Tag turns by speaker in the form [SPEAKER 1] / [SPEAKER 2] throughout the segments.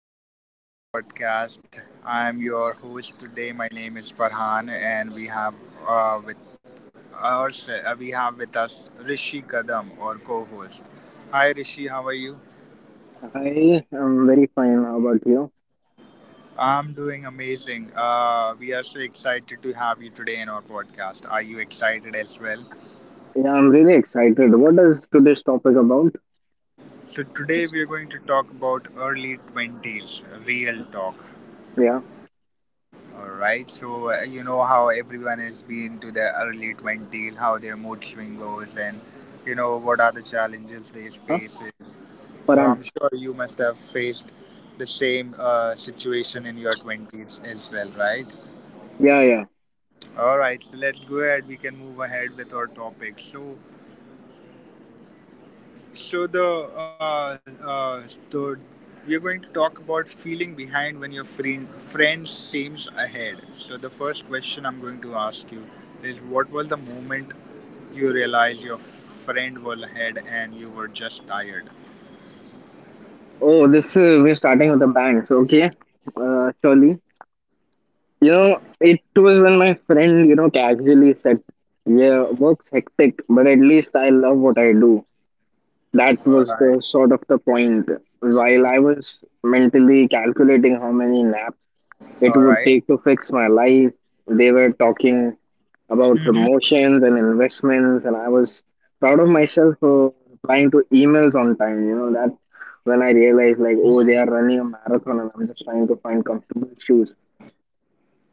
[SPEAKER 1] welcome to our podcast. I'm your host today. My name is Farhan, and uh, with we have with us Rishi Kadam, our co-host. Hi, Rishi, how are you?
[SPEAKER 2] Hi, I'm very fine. How about you?
[SPEAKER 1] I'm doing amazing. We are so excited to have you today in our podcast. Are you excited as well?
[SPEAKER 2] Yeah, I'm really excited. What is today's topic about?
[SPEAKER 1] So today we are going to talk about early 20s, real talk.
[SPEAKER 2] Yeah,
[SPEAKER 1] All right. So you know how everyone has been to their early 20s, how their mood swing goes, and you know what are the challenges they
[SPEAKER 2] huh?
[SPEAKER 1] face. So
[SPEAKER 2] Paran.
[SPEAKER 1] I'm sure you must have faced the same situation in your twenties as well, right?
[SPEAKER 2] Yeah, yeah.
[SPEAKER 1] All right. So let's go ahead. We can move ahead with our topic. So So the we're going to talk about feeling behind when your friend seems ahead. So the first question I'm going to ask you is, what was the moment you realized your friend was ahead and you were just tired?
[SPEAKER 2] Oh, this we're starting with the banks. Okay, surely. You know, it was when my friend, you know, casually said, "Yeah, work's hectic, but at least I love what I do." That was
[SPEAKER 1] All
[SPEAKER 2] the
[SPEAKER 1] right,
[SPEAKER 2] sort of the point. While I was mentally calculating how many naps it
[SPEAKER 1] all
[SPEAKER 2] would take
[SPEAKER 1] right.
[SPEAKER 2] to fix my life. They were talking about promotions and investments, and I was proud of myself for replying to emails on time. You know, that when I realized, like, oh, they are running a marathon, and I'm just trying to find comfortable shoes.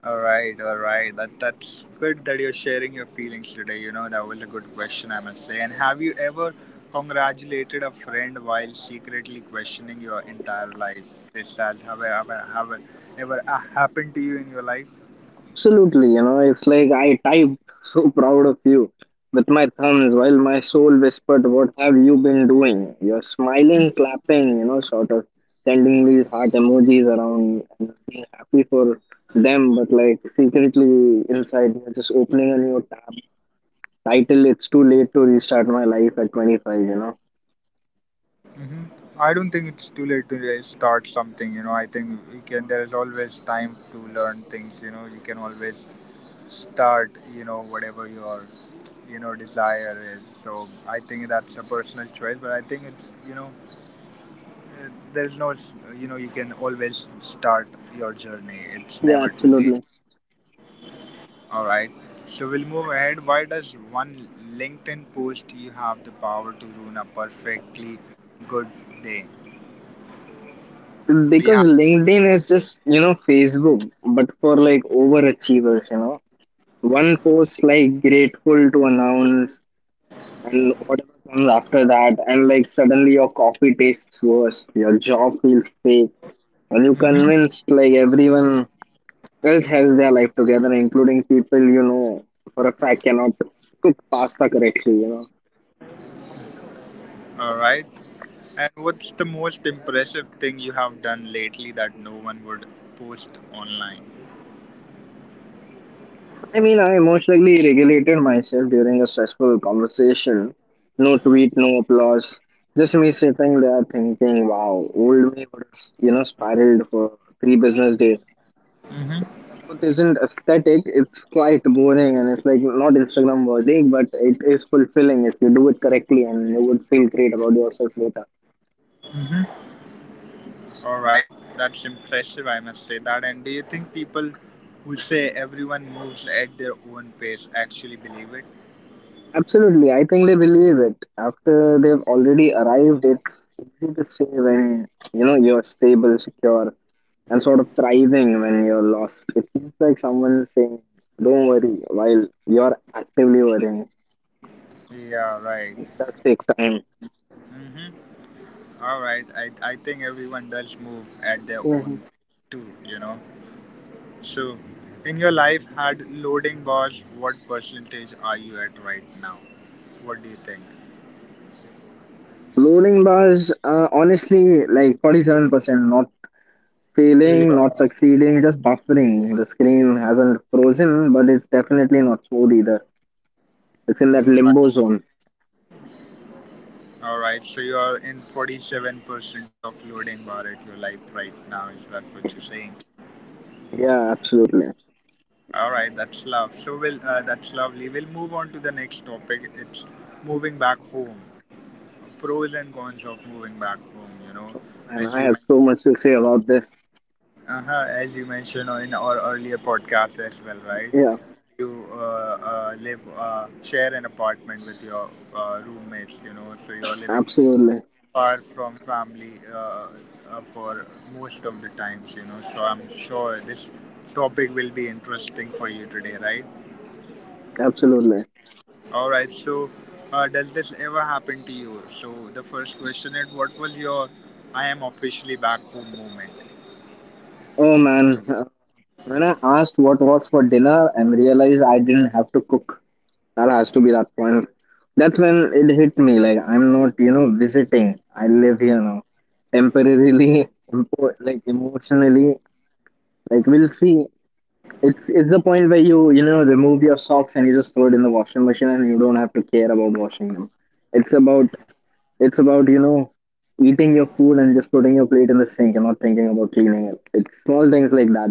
[SPEAKER 1] All right, all right. That's good that you're sharing your feelings today. You know that was a good question, I must say. And have you ever congratulated a friend while secretly questioning your entire life? This has have ever happened to you in your life?
[SPEAKER 2] Absolutely, you know, it's like I typed so proud of you with my thumbs while my soul whispered, what have you been doing? You're smiling, clapping, you know, sort of sending these heart emojis around and being happy for them, but like secretly inside, you're just opening a new tab. Title: it's too late to restart my life at 25, you know.
[SPEAKER 1] Hmm. I don't think it's too late to really start something. You know, I think you can. There is always time to learn things. You know, you can always start. You know, whatever your desire is. So I think that's a personal choice. But I think it's, uh, there is no you can always start your journey. It's
[SPEAKER 2] Yeah,
[SPEAKER 1] never too
[SPEAKER 2] absolutely.
[SPEAKER 1] late. All right. So we'll move ahead. Why does one LinkedIn post you have the power to ruin a perfectly good day? Do
[SPEAKER 2] Because
[SPEAKER 1] you have?
[SPEAKER 2] LinkedIn is just, you know, Facebook, but for like overachievers, you know. One post like grateful to announce and whatever comes after that, and like suddenly your coffee tastes worse, your job feels fake, and you
[SPEAKER 1] Mm-hmm.
[SPEAKER 2] convinced like everyone else has their life together, including people you know for a fact cannot cook pasta correctly, you know.
[SPEAKER 1] All right. And what's the most impressive thing you have done lately that no one would post online?
[SPEAKER 2] I mean, I emotionally regulated myself during a stressful conversation. No tweet, no applause, just me sitting there thinking, wow, old me would have, you know, spiraled for three business days.
[SPEAKER 1] Mm-hmm.
[SPEAKER 2] It isn't aesthetic, it's quite boring and it's like not Instagram worthy, but it is fulfilling if you do it correctly and you would feel great about yourself later.
[SPEAKER 1] Mm-hmm. All right. That's impressive, I must say that. And do you think people who say everyone moves at their own pace actually believe it?
[SPEAKER 2] Absolutely, I think they believe it. After they've already arrived, it's easy to say. When you know you're stable, secure, and sort of thriving, when you're lost, it feels like someone is saying, don't worry, while you're actively worrying.
[SPEAKER 1] Yeah, right.
[SPEAKER 2] It does take time.
[SPEAKER 1] Mm-hmm. All right. I think everyone does move at their
[SPEAKER 2] Mhm.
[SPEAKER 1] own pace too, you know. So, in your life, had loading bars, what percentage are you at right now? What do you think?
[SPEAKER 2] Loading bars, honestly, like 47%, not
[SPEAKER 1] So you
[SPEAKER 2] failing, not
[SPEAKER 1] are
[SPEAKER 2] succeeding, just buffering. The screen hasn't frozen, but it's definitely not smooth either. It's in
[SPEAKER 1] All
[SPEAKER 2] that
[SPEAKER 1] right.
[SPEAKER 2] limbo zone.
[SPEAKER 1] All right. So you are in 47% of loading bar at your life right now. Is that what you're saying?
[SPEAKER 2] Yeah, absolutely.
[SPEAKER 1] All right. That's love. So we'll. That's lovely. We'll move on to the next topic. It's moving back home. Pros and cons of moving back home. You know,
[SPEAKER 2] Man,
[SPEAKER 1] as
[SPEAKER 2] I
[SPEAKER 1] you
[SPEAKER 2] have so
[SPEAKER 1] mentioned.
[SPEAKER 2] much
[SPEAKER 1] You know,
[SPEAKER 2] to say
[SPEAKER 1] in
[SPEAKER 2] about this.
[SPEAKER 1] our, uh-huh, as you mentioned in our earlier podcast as well, right?
[SPEAKER 2] Yeah,
[SPEAKER 1] You live share an apartment with your roommates, you know, so you're living
[SPEAKER 2] absolutely.
[SPEAKER 1] far from family for most of the times, you know. So I'm sure this topic will be interesting for you today, right?
[SPEAKER 2] Absolutely.
[SPEAKER 1] All right. So, does this ever happen to you? So the first question is, what was your "I am officially back home" moment?
[SPEAKER 2] Oh man, when I asked what was for dinner and realized I didn't have to cook, that has to be that point. That's when it hit me like, I'm not, you know, visiting. I live here now. Temporarily, like emotionally, like we'll see. It's the point where you know, remove your socks and you just throw it in the washing machine and you don't have to care about washing them. It's about it's about, you know, eating your food and just putting your plate in the sink and not thinking about cleaning it. It's small things like that.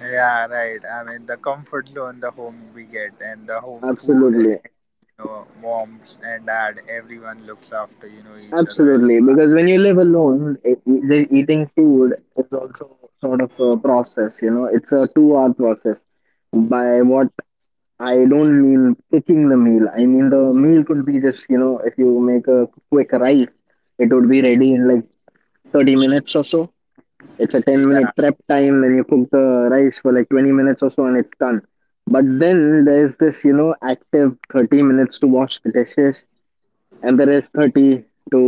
[SPEAKER 1] Yeah, right. I mean, the comfort zone, the home we get, and the home food, and,
[SPEAKER 2] Absolutely,
[SPEAKER 1] moms and dad, everyone looks after, each other as
[SPEAKER 2] absolutely.
[SPEAKER 1] a
[SPEAKER 2] Because when you live alone, just eating food is also sort of a process. You know, it's a two-hour process. By what I don't mean picking the meal. I mean the meal could be just, you know, if you make a quick rice, it would be ready in like 30 minutes or so. It's a 10
[SPEAKER 1] family.
[SPEAKER 2] minute
[SPEAKER 1] Yeah,
[SPEAKER 2] prep time, then you cook the rice for like 20 minutes or so and it's done. But then there's this, you know, active 30 minutes to wash the dishes, and there is 30 to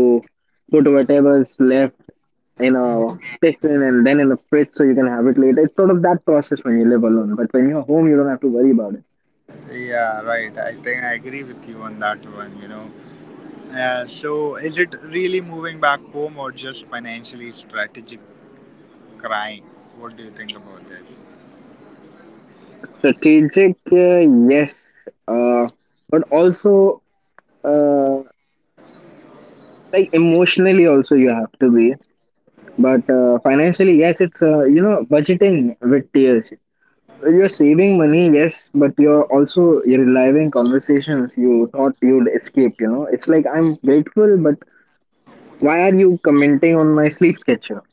[SPEAKER 2] put whatever's left in a tiffin and then in a fridge so you can have it later. It's sort of that process when you live alone. But when you're home, you don't have to worry about it.
[SPEAKER 1] yeah, right. I think I agree with you on that one, you know. Yeah, so is it really moving back home or just financially strategic crying? What do you think about this?
[SPEAKER 2] Strategic, yes, uh, but also, uh, like emotionally, also you have to be. But financially, yes, it's, you know, budgeting with tears. You're saving money, yes, but you're also you're relying conversations you thought you'd escape. You know, it's like I'm grateful, but why are you commenting on my sleep schedule?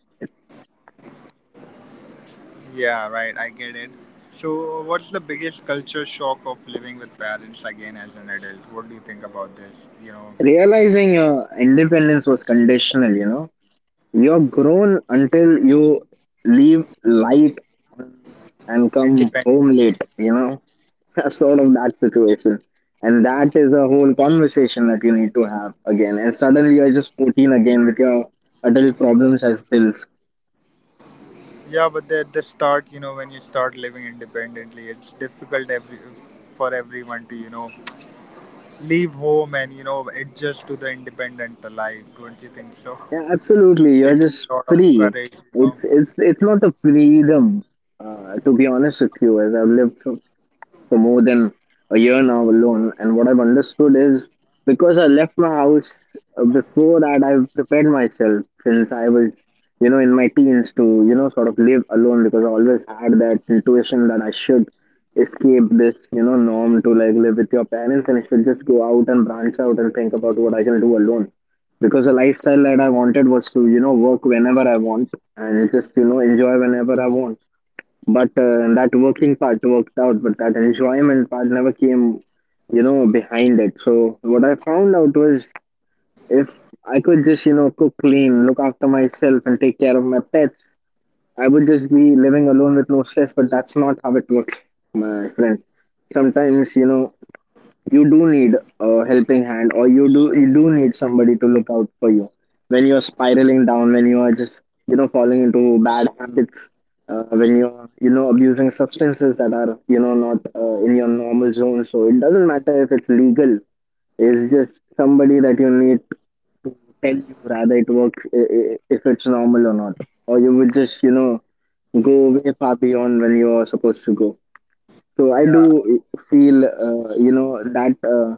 [SPEAKER 1] Yeah, right, I get it. So, what's the biggest culture shock of living with parents again as an adult? What do you think about this? You know,
[SPEAKER 2] Realizing your independence was conditional, you know, you're grown until you leave light and come home
[SPEAKER 1] independently.
[SPEAKER 2] late, you know, sort of that situation. And that is a whole conversation that you need to have again. And suddenly you're just 14 again with your adult problems as pills.
[SPEAKER 1] Yeah, but at the start, you know, when you start living independently, it's difficult every for everyone to, leave home and, adjust to the independent life. Don't you think so?
[SPEAKER 2] Yeah, absolutely.
[SPEAKER 1] Takes
[SPEAKER 2] You're
[SPEAKER 1] a
[SPEAKER 2] just
[SPEAKER 1] lot of
[SPEAKER 2] free.
[SPEAKER 1] courage.
[SPEAKER 2] It's not a freedom, to be honest with you, as I've lived for more than a year now alone. And what I've understood is, because I left my house before that, I've prepared myself since I was, you know, in my teens to, you know, sort of live alone, because I always had that intuition that I should escape this, you know, norm to like live with your parents, and I should just go out and branch out and think about what I can do alone. Because the lifestyle that I wanted was to, you know, work whenever I want and just, you know, enjoy whenever I want. But that working part worked out, but that enjoyment part never came, you know, behind it. So what I found out was, if I could just, you know, cook clean, look after myself, and take care of my pets, I would just be living alone with no stress. But that's not how it works, my friend. Sometimes, you know, you do need a helping hand, or you do need somebody to look out for you when you're spiraling down, when you are just, you know, falling into bad habits, when you're, you know, abusing substances that are, you know, not, in your normal zone, so it doesn't matter if it's legal, it's just somebody that you need to tell you rather it works, if it's normal or not, or you would just, you know, go way far beyond when you're supposed to go. So I
[SPEAKER 1] Yeah,
[SPEAKER 2] do feel, you know, that uh,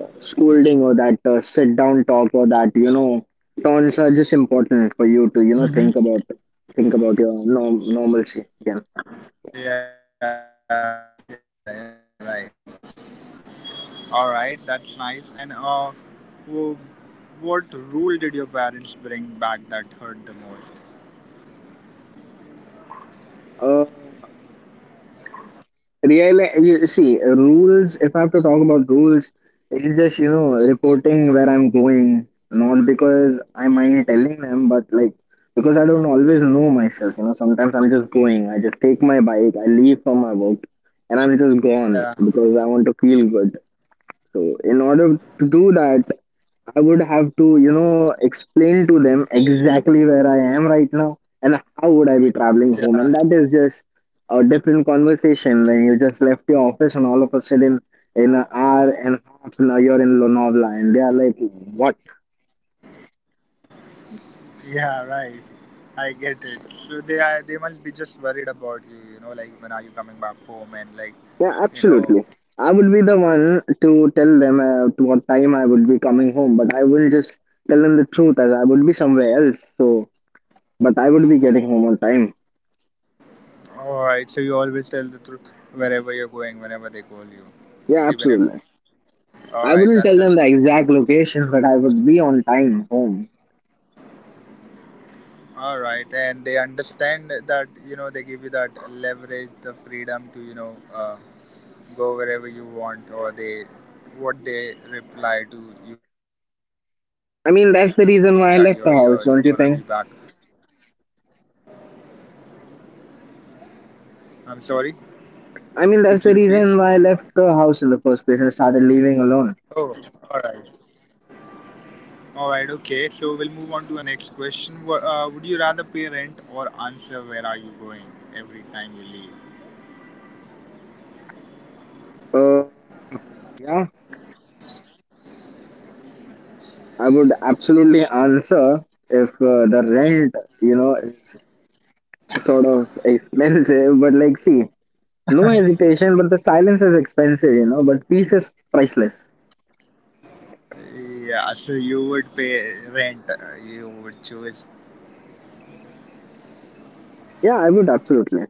[SPEAKER 2] uh, scolding, or that sit down talk, or that, you know, tones are just important for you to, you know, think about your normalcy again.
[SPEAKER 1] yeah, yeah, yeah, right. All right, that's nice. And wh- what rule did your parents bring back that hurt the most?
[SPEAKER 2] Uh, Really, you see, rules, if I have to talk about rules, it's just, you know, reporting where I'm going, not because I mind telling them, but like, because I don't always know myself, you know, sometimes I'm just going, I just take my bike, I leave from my work, and I'm just
[SPEAKER 1] Yeah,
[SPEAKER 2] gone because I want to feel good. So in order to do that, I would have to, you know, explain to them exactly where I am right now and how would I be
[SPEAKER 1] yeah,
[SPEAKER 2] traveling home. And that is just a different conversation when you just left your office and all of a sudden in an hour and a half now you're in Lonavala and they are like, what?
[SPEAKER 1] yeah, right. I get it. So they must be just worried about you, like when are you coming back home, and like,
[SPEAKER 2] Yeah,
[SPEAKER 1] you know,
[SPEAKER 2] absolutely. I would be the one to tell them to what time I would be coming home, but I wouldn't just tell them the truth as I would be somewhere else. So, but I would be getting home on time.
[SPEAKER 1] all right. So you always tell the truth wherever you're going, whenever they call you,
[SPEAKER 2] Yeah,
[SPEAKER 1] even if
[SPEAKER 2] absolutely. I
[SPEAKER 1] all
[SPEAKER 2] wouldn't
[SPEAKER 1] right.
[SPEAKER 2] tell
[SPEAKER 1] That
[SPEAKER 2] them the
[SPEAKER 1] that
[SPEAKER 2] exact location, but I would be on time home.
[SPEAKER 1] All right, and they understand that they give you that leverage, the freedom to go wherever you want, or they what they reply to you, when you say
[SPEAKER 2] I
[SPEAKER 1] that
[SPEAKER 2] mean,
[SPEAKER 1] you're
[SPEAKER 2] that's the
[SPEAKER 1] here, you're
[SPEAKER 2] reason
[SPEAKER 1] gonna
[SPEAKER 2] why I
[SPEAKER 1] be
[SPEAKER 2] left
[SPEAKER 1] back.
[SPEAKER 2] the house, don't you think?
[SPEAKER 1] I'm sorry, could you repeat?
[SPEAKER 2] I mean, that's the reason why I left the house in the first place and started
[SPEAKER 1] Oh,
[SPEAKER 2] living
[SPEAKER 1] all
[SPEAKER 2] alone.
[SPEAKER 1] right, all right, okay. So we'll move on to the next question. Would you rather pay rent or answer where are you going every time you leave?
[SPEAKER 2] Uh, yeah, I would absolutely answer if, the rent, you know, is sort of expensive, but like, see, no hesitation, but the silence is expensive, you know, but peace is priceless.
[SPEAKER 1] Yeah, so you would pay rent. You would choose.
[SPEAKER 2] Yeah, I would absolutely.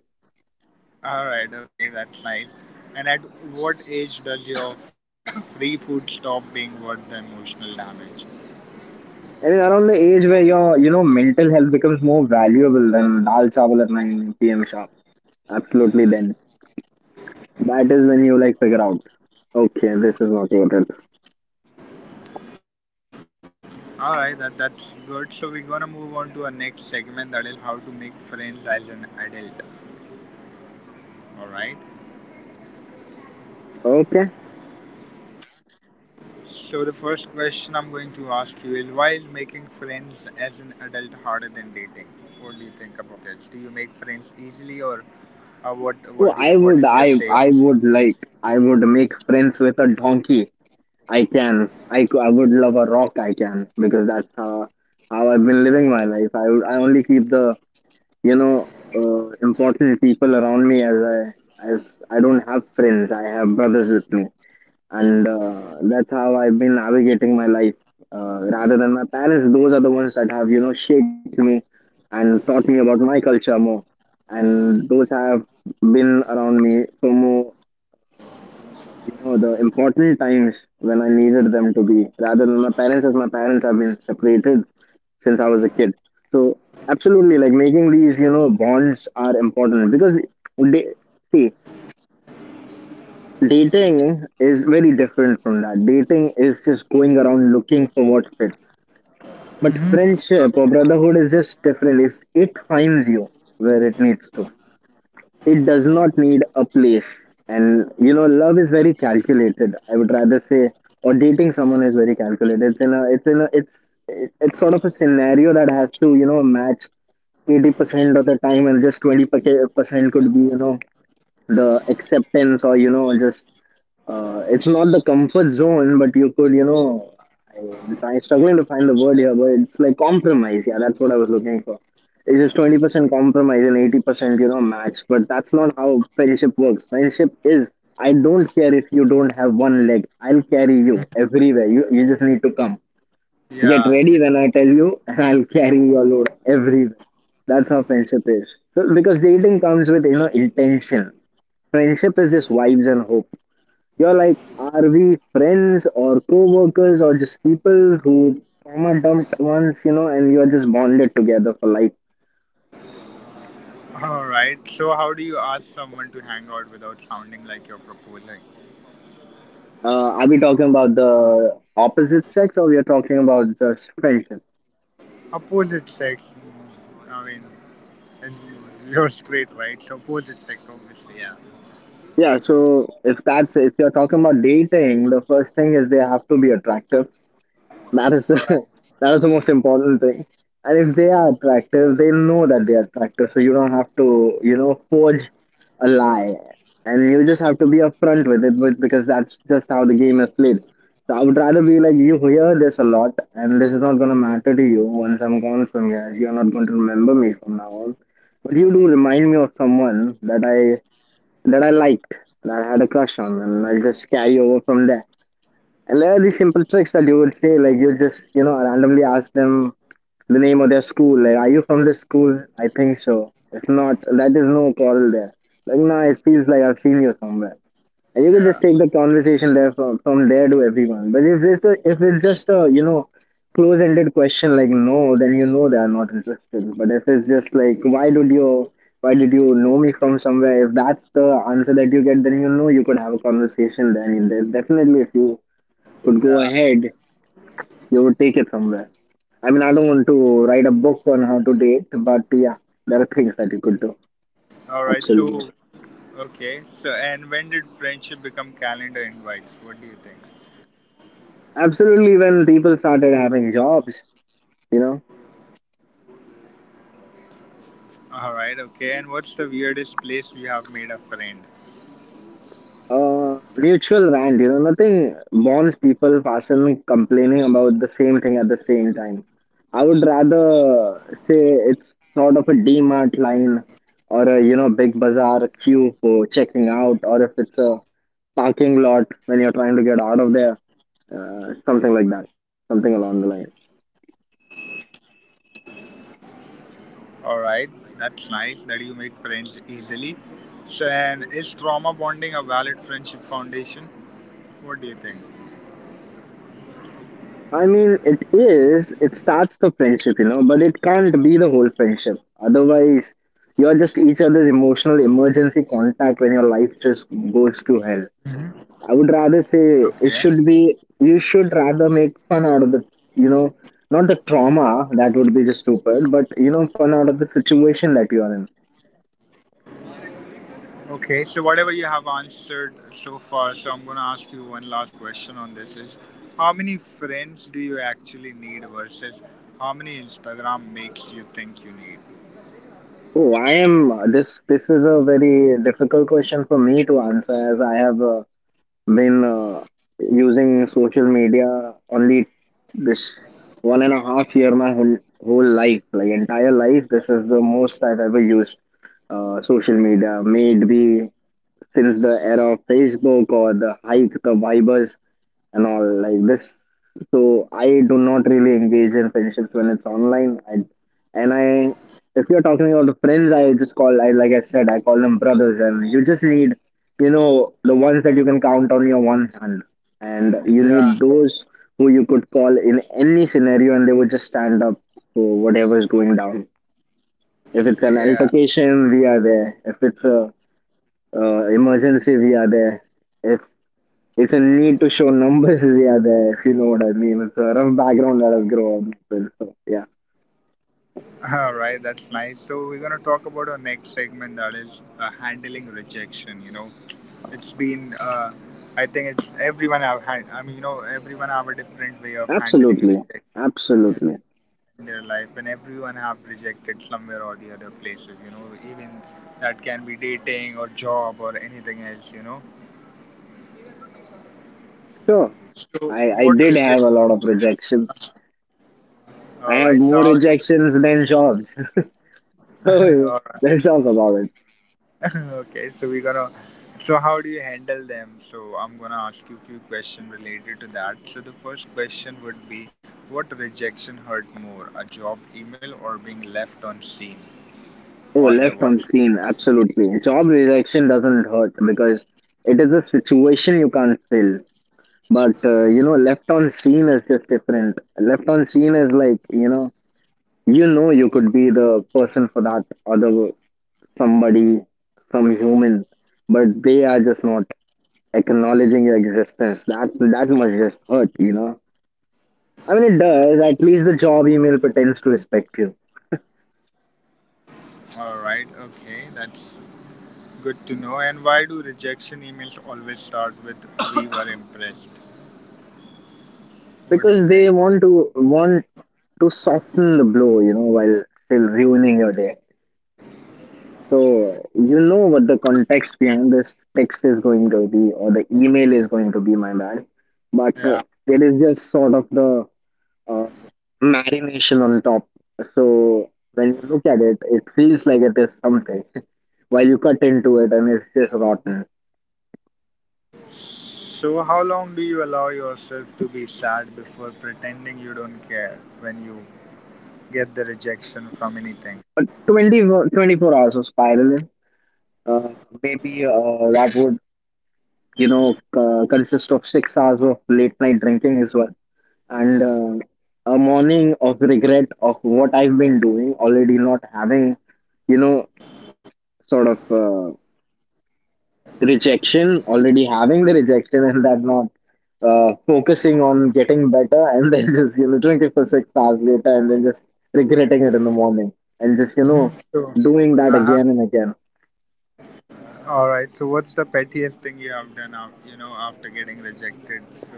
[SPEAKER 1] All right. Okay, that's nice. And at what age does your free food stop being worth the emotional damage?
[SPEAKER 2] I mean, around the age where your, you know, mental health becomes more valuable than dal chawal at 9 p.m. sharp. Absolutely, then. That is when you like figure out, okay, this is not worth it.
[SPEAKER 1] All right, that's good. So we're gonna move on to our next segment, that is how to make friends as an adult. All right.
[SPEAKER 2] Okay.
[SPEAKER 1] So the first question I'm going to ask you is why is making friends as an adult harder than dating? What do you think about this? Do you make friends easily, or
[SPEAKER 2] Oh, I, would,
[SPEAKER 1] what is your
[SPEAKER 2] I
[SPEAKER 1] say on
[SPEAKER 2] would like, I would make friends with a donkey. I can. I would love a rock. I can because that's how I've been living my life. I would, I only keep the, you know, important people around me as as I don't have friends. I have brothers with me. And that's how I've been navigating my life. Rather than my parents, those are the ones that have, you know, shaped me and taught me about my culture more, and those have been around me for more, you know, the important times when I needed them to be. Rather than my parents, as my parents have been separated since I was a kid, so absolutely, like making these, you know, bonds are important because they see. Dating is very different from that. Dating is just going around looking for what fits. But friendship or
[SPEAKER 1] that? Okay.
[SPEAKER 2] brotherhood is just different. It finds you where it needs to. It does not need a place. And you know, love is very calculated. I would rather say, or dating someone is very calculated. It's sort of a scenario that has to, match 80% of the time, and just 20% could be, the acceptance or you know just it's not the comfort zone, but you could you know I'm, trying struggling to find the word here, but it's like compromise. Yeah, that's what I was looking for. It's just 20% compromise and 80% match. But that's not how friendship works. Friendship is, I don't care if you don't have one leg, I'll carry you everywhere. You just need to come get ready
[SPEAKER 1] Yeah,
[SPEAKER 2] when I
[SPEAKER 1] yeah.
[SPEAKER 2] tell you, and I'll carry your load everywhere. That's how friendship is. So, because dating comes with, intention. Friendship is just vibes and hope. You're like, are we friends or co-workers or just people who trauma dumped once, and you're just bonded together for life?
[SPEAKER 1] Alright, so how do you ask someone to hang out without sounding like you're proposing?
[SPEAKER 2] Are we talking about the opposite sex, or we are talking about just friendship?
[SPEAKER 1] Opposite sex, I mean, as you're straight, right? So opposite sex, obviously, yeah.
[SPEAKER 2] Yeah, so if you're talking about dating, the first thing is they have to be attractive. That is the
[SPEAKER 1] Alright,
[SPEAKER 2] That is the most important thing. And if they are attractive, they know that they are attractive, so you don't have to forge a lie. And you just have to be upfront with it, because that's just how the game is played. So I would rather be like, you hear this a lot, and this is not gonna matter to you once I'm gone from here. You're not going to remember me from now on. But you do remind me of someone that I liked, that I had a crush on, and I'll just carry over from there. And there are these simple tricks that you would say, like you would just randomly ask them the name of their school. Like, are you from this school? I think so. If not, that is no quarrel there. Like, no, it feels like I've seen you somewhere. And you can
[SPEAKER 1] yeah,
[SPEAKER 2] just take the conversation there from there to everyone. But if it's just a close-ended question like no, then you know they are not interested. But if it's just like, why did you know me from somewhere? If that's the answer that you get, then you know you could have a conversation there. And there's definitely a few could go
[SPEAKER 1] yeah.
[SPEAKER 2] ahead, you would take it somewhere. I mean, I don't want to write a book on how to date, but yeah, there are things that you could do.
[SPEAKER 1] Alright,
[SPEAKER 2] Absolutely.
[SPEAKER 1] and when did friendship become calendar invites? What do you think?
[SPEAKER 2] Absolutely, when people started having jobs, you know,
[SPEAKER 1] Alright, okay, and what's the weirdest place you have made a friend?
[SPEAKER 2] Mutual rant, nothing bonds people faster than complaining about the same thing at the same time. I would rather say it's sort of a DMart line, or a big bazaar queue for checking out, or if it's a parking lot when you're trying to get out of there. Something like that. Something along the line.
[SPEAKER 1] Alright, that's nice that you make friends easily. And is trauma bonding a valid friendship foundation? What do you think?
[SPEAKER 2] I mean, it is, it starts the friendship, but it can't be the whole friendship. Otherwise, you're just each other's emotional emergency contact when your life just goes to hell. I would rather
[SPEAKER 1] Okay.
[SPEAKER 2] say it should be, you should rather make fun out of you know, not the trauma, that would be just stupid, but, fun out of the situation that you are in.
[SPEAKER 1] Okay. So whatever you have answered so far, so I'm going to ask you one last question on this is how many friends do you actually need versus how many Instagram makes you think you need?
[SPEAKER 2] Oh, this is a very difficult question for me to answer, as I have a been using social media only this 1.5 year, my whole life, like entire life, this is the most I've ever used social media, may it be since the era of Facebook or the hike, the vibers, and all like this. So I do not really engage in friendships when it's online. And if you're talking about the friends, I just call, I like I said, I call them brothers, and you just need, the ones that you can count on your one hand, and you need
[SPEAKER 1] Yeah.
[SPEAKER 2] those who you could call in any scenario, and they would just stand up for whatever is going down. If it's an
[SPEAKER 1] Yeah.
[SPEAKER 2] altercation, we are there. If it's a emergency, we are there. It's it's a need to show numbers, we are there, if you know what I mean. It's a rough background that I've grown up with. So, yeah,
[SPEAKER 1] All right. That's nice. So we're going to talk about our next segment, that is handling rejection. It's been I think it's everyone have had. I mean, everyone have a different way of handling
[SPEAKER 2] absolutely.
[SPEAKER 1] rejection. Yeah.
[SPEAKER 2] Absolutely.
[SPEAKER 1] In their life, and everyone have rejected somewhere or the other places, even that can be dating or job or anything else,
[SPEAKER 2] Sure.
[SPEAKER 1] so
[SPEAKER 2] I
[SPEAKER 1] what
[SPEAKER 2] did have
[SPEAKER 1] reject
[SPEAKER 2] a lot of rejections. I
[SPEAKER 1] all
[SPEAKER 2] have
[SPEAKER 1] right. so
[SPEAKER 2] more
[SPEAKER 1] how do you
[SPEAKER 2] rejections than jobs. So, yeah,
[SPEAKER 1] All right.
[SPEAKER 2] let's talk about it.
[SPEAKER 1] Okay, so we're gonna so how do you handle them? So I'm gonna ask you a few questions related to that. So the first question would be, what rejection hurt more, a job email or being left on scene
[SPEAKER 2] Oh,
[SPEAKER 1] on the
[SPEAKER 2] left on
[SPEAKER 1] WhatsApp?
[SPEAKER 2] scene, absolutely. Job rejection doesn't hurt because it is a situation you can't fill. But left on scene is just different. Left on scene is like, you could be the person for that other somebody, some human, but they are just not acknowledging your existence. That must just hurt, you know. I mean, it does. At least the job email pretends to respect you
[SPEAKER 1] All right, okay, that's good to know. And why do rejection emails always start with "We were impressed"?
[SPEAKER 2] because
[SPEAKER 1] What do
[SPEAKER 2] they
[SPEAKER 1] you
[SPEAKER 2] want
[SPEAKER 1] think?
[SPEAKER 2] to want to soften the blow, while still ruining your day. So you know what the context behind this text is going to be, or the email is going to be. My bad, but
[SPEAKER 1] Yeah.
[SPEAKER 2] there is just sort of the uh, marination on top. So when you look at it, it feels like it is something while you cut into it, and it's just rotten.
[SPEAKER 1] So, how long do you allow yourself to be sad before pretending you don't care when you get the rejection from anything?
[SPEAKER 2] But 24 hours of spiraling, uh, maybe that would, consist of 6 hours of late night drinking as well. And a morning of regret of what I've been doing, already not having, you know, sort of, rejection, already having the rejection, and that not focusing on getting better, and then just drinking for 6 hours later, and then just regretting it in the morning, and just
[SPEAKER 1] Mhm. So,
[SPEAKER 2] doing that
[SPEAKER 1] uh huh.
[SPEAKER 2] again and again.
[SPEAKER 1] All right. So, what's the pettiest thing you have done out, after getting rejected?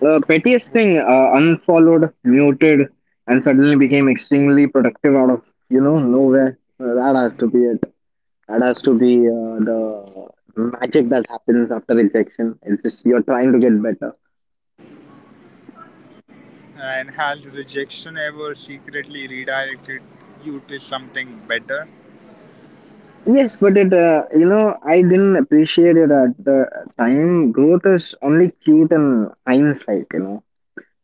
[SPEAKER 2] The pettiest thing, unfollowed, muted, and suddenly became extremely productive out of nowhere. That has to be it. That has to be the magic that happens after rejection. It's just you're trying to get better.
[SPEAKER 1] And has rejection ever secretly redirected you to something better?
[SPEAKER 2] Yes, but I didn't appreciate it at the time. Growth is only cute in hindsight, you know.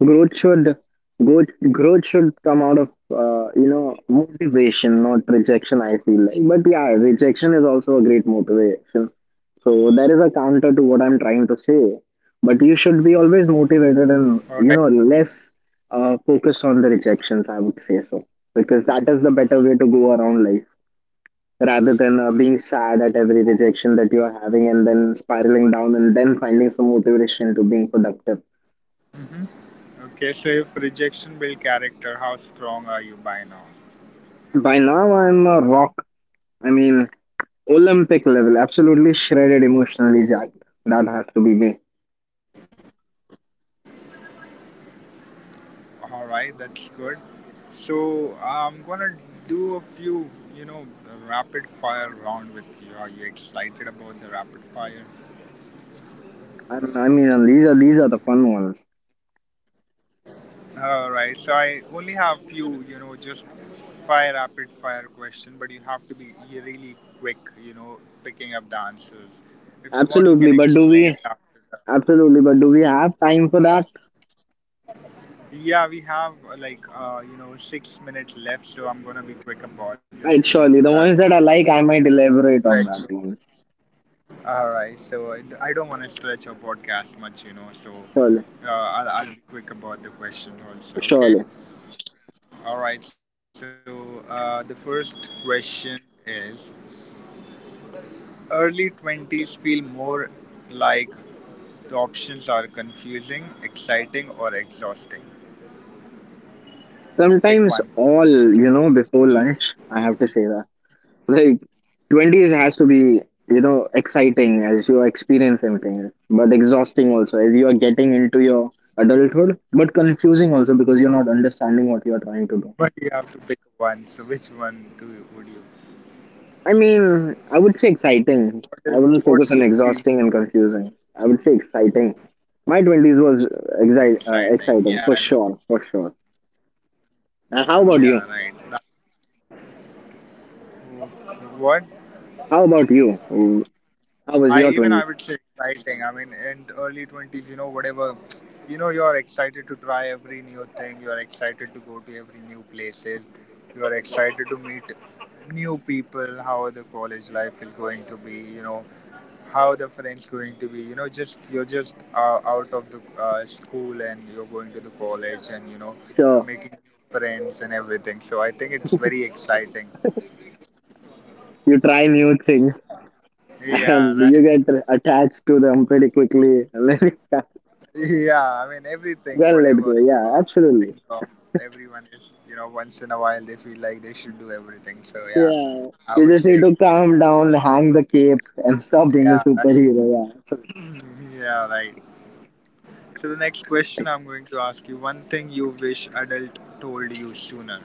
[SPEAKER 2] Growth should, growth, growth should come out of, motivation, not rejection, I feel like. But yeah, rejection is also a great motivation. So there is a counter to what I'm trying to say. But you should be
[SPEAKER 1] All right.
[SPEAKER 2] always motivated and, less focused on the rejections, I would say so. Because that is the better way to go around life rather than being sad at every rejection that you are having and then spiraling down and then finding some motivation to being productive.
[SPEAKER 1] Mhm. Okay, so if rejection build character, how strong are you by now?
[SPEAKER 2] By now, I'm a rock. I mean, Olympic level, absolutely shredded emotionally, jacked. That has to be me.
[SPEAKER 1] All right, that's good. So I'm gonna do a few, the rapid fire round with you. Are you excited about the rapid fire?
[SPEAKER 2] And I mean, and these are the fun ones.
[SPEAKER 1] All right, so I only have few, just fire rapid fire question, but you have to be really quick, picking up the answers. If you want, you can
[SPEAKER 2] Absolutely, but
[SPEAKER 1] explain
[SPEAKER 2] do we?
[SPEAKER 1] after.
[SPEAKER 2] Absolutely, but do we have time for that?
[SPEAKER 1] Yeah, we have like 6 minutes left, so I'm gonna be quick about this,
[SPEAKER 2] Right,
[SPEAKER 1] so
[SPEAKER 2] surely. The
[SPEAKER 1] that
[SPEAKER 2] ones
[SPEAKER 1] we
[SPEAKER 2] that I like, I might elaborate on that
[SPEAKER 1] stretch.
[SPEAKER 2] one.
[SPEAKER 1] All right, so I don't want to stretch our podcast much, so
[SPEAKER 2] Surely,
[SPEAKER 1] I'll be quick about the question also. Okay.
[SPEAKER 2] surely.
[SPEAKER 1] All right, so the first question is: Early 20s feel more like, the options are confusing, exciting, or exhausting. Pick one.
[SPEAKER 2] Sometimes all, before lunch, I have to say that. Like twenties has to be exciting as you experience everything, but exhausting also as you are getting into your adulthood, but confusing also because you're not understanding what you are trying to
[SPEAKER 1] But
[SPEAKER 2] do.
[SPEAKER 1] you have to pick one. So which one do you, would you
[SPEAKER 2] I mean, I would say exciting. I wouldn't
[SPEAKER 1] What do
[SPEAKER 2] focus
[SPEAKER 1] you
[SPEAKER 2] on
[SPEAKER 1] feel
[SPEAKER 2] exhausting and confusing. I would say exciting. My twenties was
[SPEAKER 1] exciting? Yeah, I
[SPEAKER 2] exciting, for sure, for sure.
[SPEAKER 1] would,
[SPEAKER 2] And how
[SPEAKER 1] yeah,
[SPEAKER 2] about
[SPEAKER 1] right.
[SPEAKER 2] you?
[SPEAKER 1] That, what
[SPEAKER 2] How about you? How
[SPEAKER 1] I
[SPEAKER 2] was your
[SPEAKER 1] even I
[SPEAKER 2] twenties?
[SPEAKER 1] would say exciting. I mean, in early 20s, whatever, you're excited to try every new thing. You're excited to go to every new places. You're excited to meet new people. How the college life is going to be, how the friends going to be, just you're just out of the school, and you're going to the college, and you're
[SPEAKER 2] Sure,
[SPEAKER 1] making new friends and everything, so I think it's very exciting.
[SPEAKER 2] you try new things.
[SPEAKER 1] Yeah,
[SPEAKER 2] And you
[SPEAKER 1] right.
[SPEAKER 2] get attached to them pretty quickly. Let it
[SPEAKER 1] Yeah, I mean everything
[SPEAKER 2] Well, let
[SPEAKER 1] whatever
[SPEAKER 2] go. Yeah, absolutely.
[SPEAKER 1] think of. Everyone is, once in a while they feel like they should do everything, so yeah.
[SPEAKER 2] Yeah,
[SPEAKER 1] I
[SPEAKER 2] you
[SPEAKER 1] would
[SPEAKER 2] just
[SPEAKER 1] say
[SPEAKER 2] need to
[SPEAKER 1] exciting.
[SPEAKER 2] calm down, hang the cape, and stop being a
[SPEAKER 1] Yeah, right.
[SPEAKER 2] superhero. Yeah, absolutely.
[SPEAKER 1] Yeah, right. So the next question I'm going to ask you: one thing you wish adult told you sooner.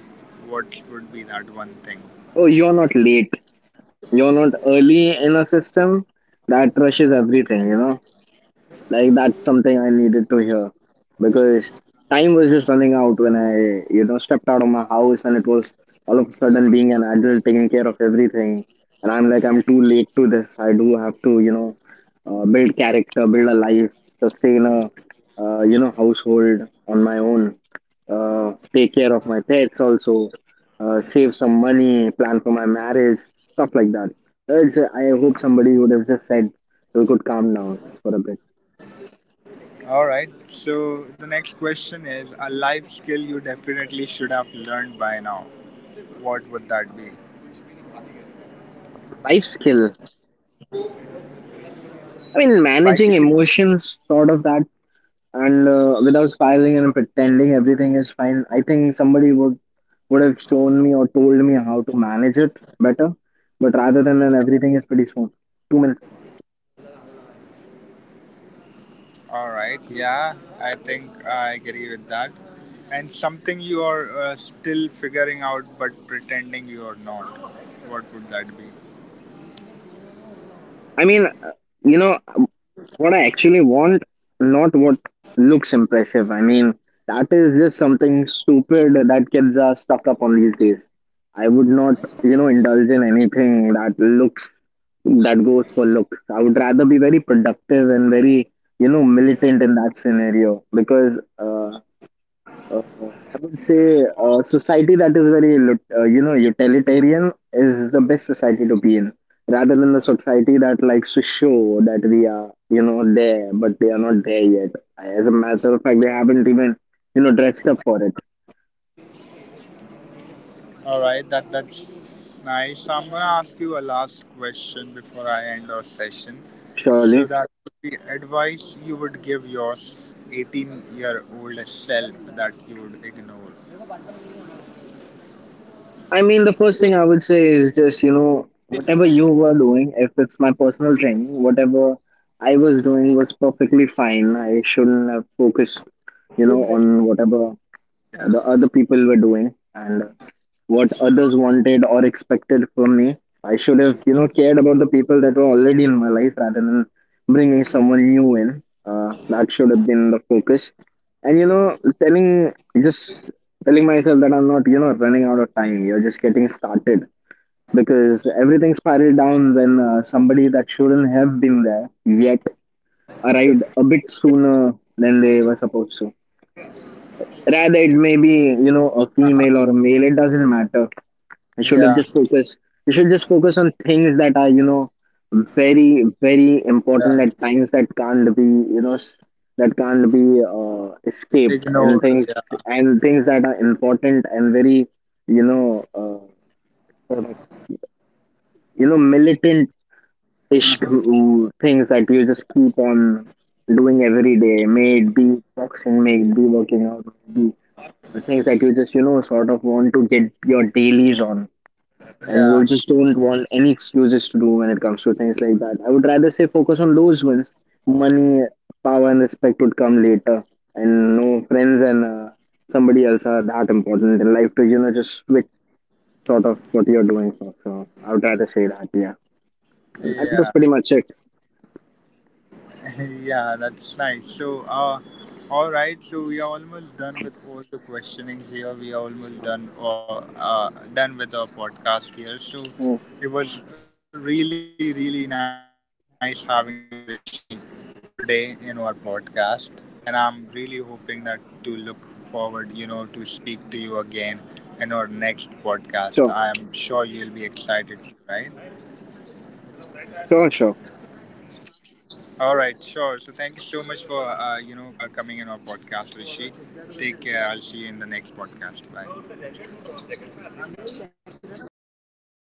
[SPEAKER 1] What would be that one thing?
[SPEAKER 2] Oh, you're not late. You're not early in a system that rushes everything. Like that's something I needed to hear, because time was just running out when I stepped out of my house, and it was all of a sudden being an adult taking care of everything. And I'm like, I'm too late to this. I do have to, build character, build a life, sustain a household on my own, take care of my pets also, save some money, plan for my marriage, stuff like that. I hope somebody would have just said, you could calm down for a bit.
[SPEAKER 1] All right. So the next question is a life skill you definitely should have learned by now. What would that be?
[SPEAKER 2] Life skill. I mean, managing
[SPEAKER 1] Bicycle.
[SPEAKER 2] emotions, sort of that, and without spiraling and pretending everything is fine. I think somebody would have shown me or told me how to manage it better. But rather than that, everything is pretty smooth. 2 minutes.
[SPEAKER 1] All right. Yeah, I think I agree with that. And something you are still figuring out but pretending you are not. What would that be?
[SPEAKER 2] I mean, uh, you know what I actually want, not what looks impressive. I mean, that is just something stupid that kids are stuck up on these days. I would not, indulge in anything that looks, that goes for look. I would rather be very productive and very, militant in that scenario, because I would say society that is very, utilitarian is the best society to be in, rather than the society that likes to show that we are, there, but they are not there yet. As a matter of fact, they haven't even, dressed up for it,
[SPEAKER 1] All right, that's nice. So I'm gonna ask you a last question before I end our session. So that
[SPEAKER 2] surely.
[SPEAKER 1] would be advice you would give your 18-year-old self that you would ignore.
[SPEAKER 2] I mean, the first thing I would say is just whatever you were doing, if it's my personal thing, whatever I was doing was perfectly fine. I shouldn't have focused, on whatever
[SPEAKER 1] Yeah.
[SPEAKER 2] the other people were doing. And what others wanted or expected from me. I should have, cared about the people that were already in my life rather than bringing someone new in. That should have been the focus. And telling just telling myself that I'm not, running out of time. You're just getting started, because everything spiraled down when somebody that shouldn't have been there yet arrived a bit sooner than they were supposed to. Rather, it may be, a female or a male. It doesn't matter. I should have
[SPEAKER 1] Yeah.
[SPEAKER 2] just focused. You should just focus on things that are, very, very
[SPEAKER 1] Yeah.
[SPEAKER 2] important at times that can't be, you know, s- that can't be escaped, and
[SPEAKER 1] Ignored.
[SPEAKER 2] things
[SPEAKER 1] Yeah.
[SPEAKER 2] and things that are important and very, you know, uh, sort of, you militant-ish,
[SPEAKER 1] Uh-huh.
[SPEAKER 2] things that you just
[SPEAKER 1] Yeah.
[SPEAKER 2] keep on doing every day. May it be boxing, may it be working out, may it be the things that you just sort of want to get your dailies on, and
[SPEAKER 1] Yeah.
[SPEAKER 2] you just don't want any excuses to do when it comes to things like that. I would rather say, focus on those ones. Money, power, and respect would come later, and no friends and somebody else are that important in life to just switch sort of what you're doing for. So I would rather say that, yeah. And that was
[SPEAKER 1] Yeah.
[SPEAKER 2] pretty much it.
[SPEAKER 1] Yeah, that's nice. So, all right. So we are almost done with all the questionings here. We are almost done, or done with our podcast here. So
[SPEAKER 2] Mm.
[SPEAKER 1] it was really, really nice having you, Rishi, today in our podcast. And I'm really hoping that to look forward, to speak to you again in our next podcast. I am
[SPEAKER 2] Sure,
[SPEAKER 1] sure you'll be excited, right?
[SPEAKER 2] sure, sure.
[SPEAKER 1] All right, sure. So thank you so much for coming in our podcast, Rishi. Take care. I'll see you in the next podcast. Bye.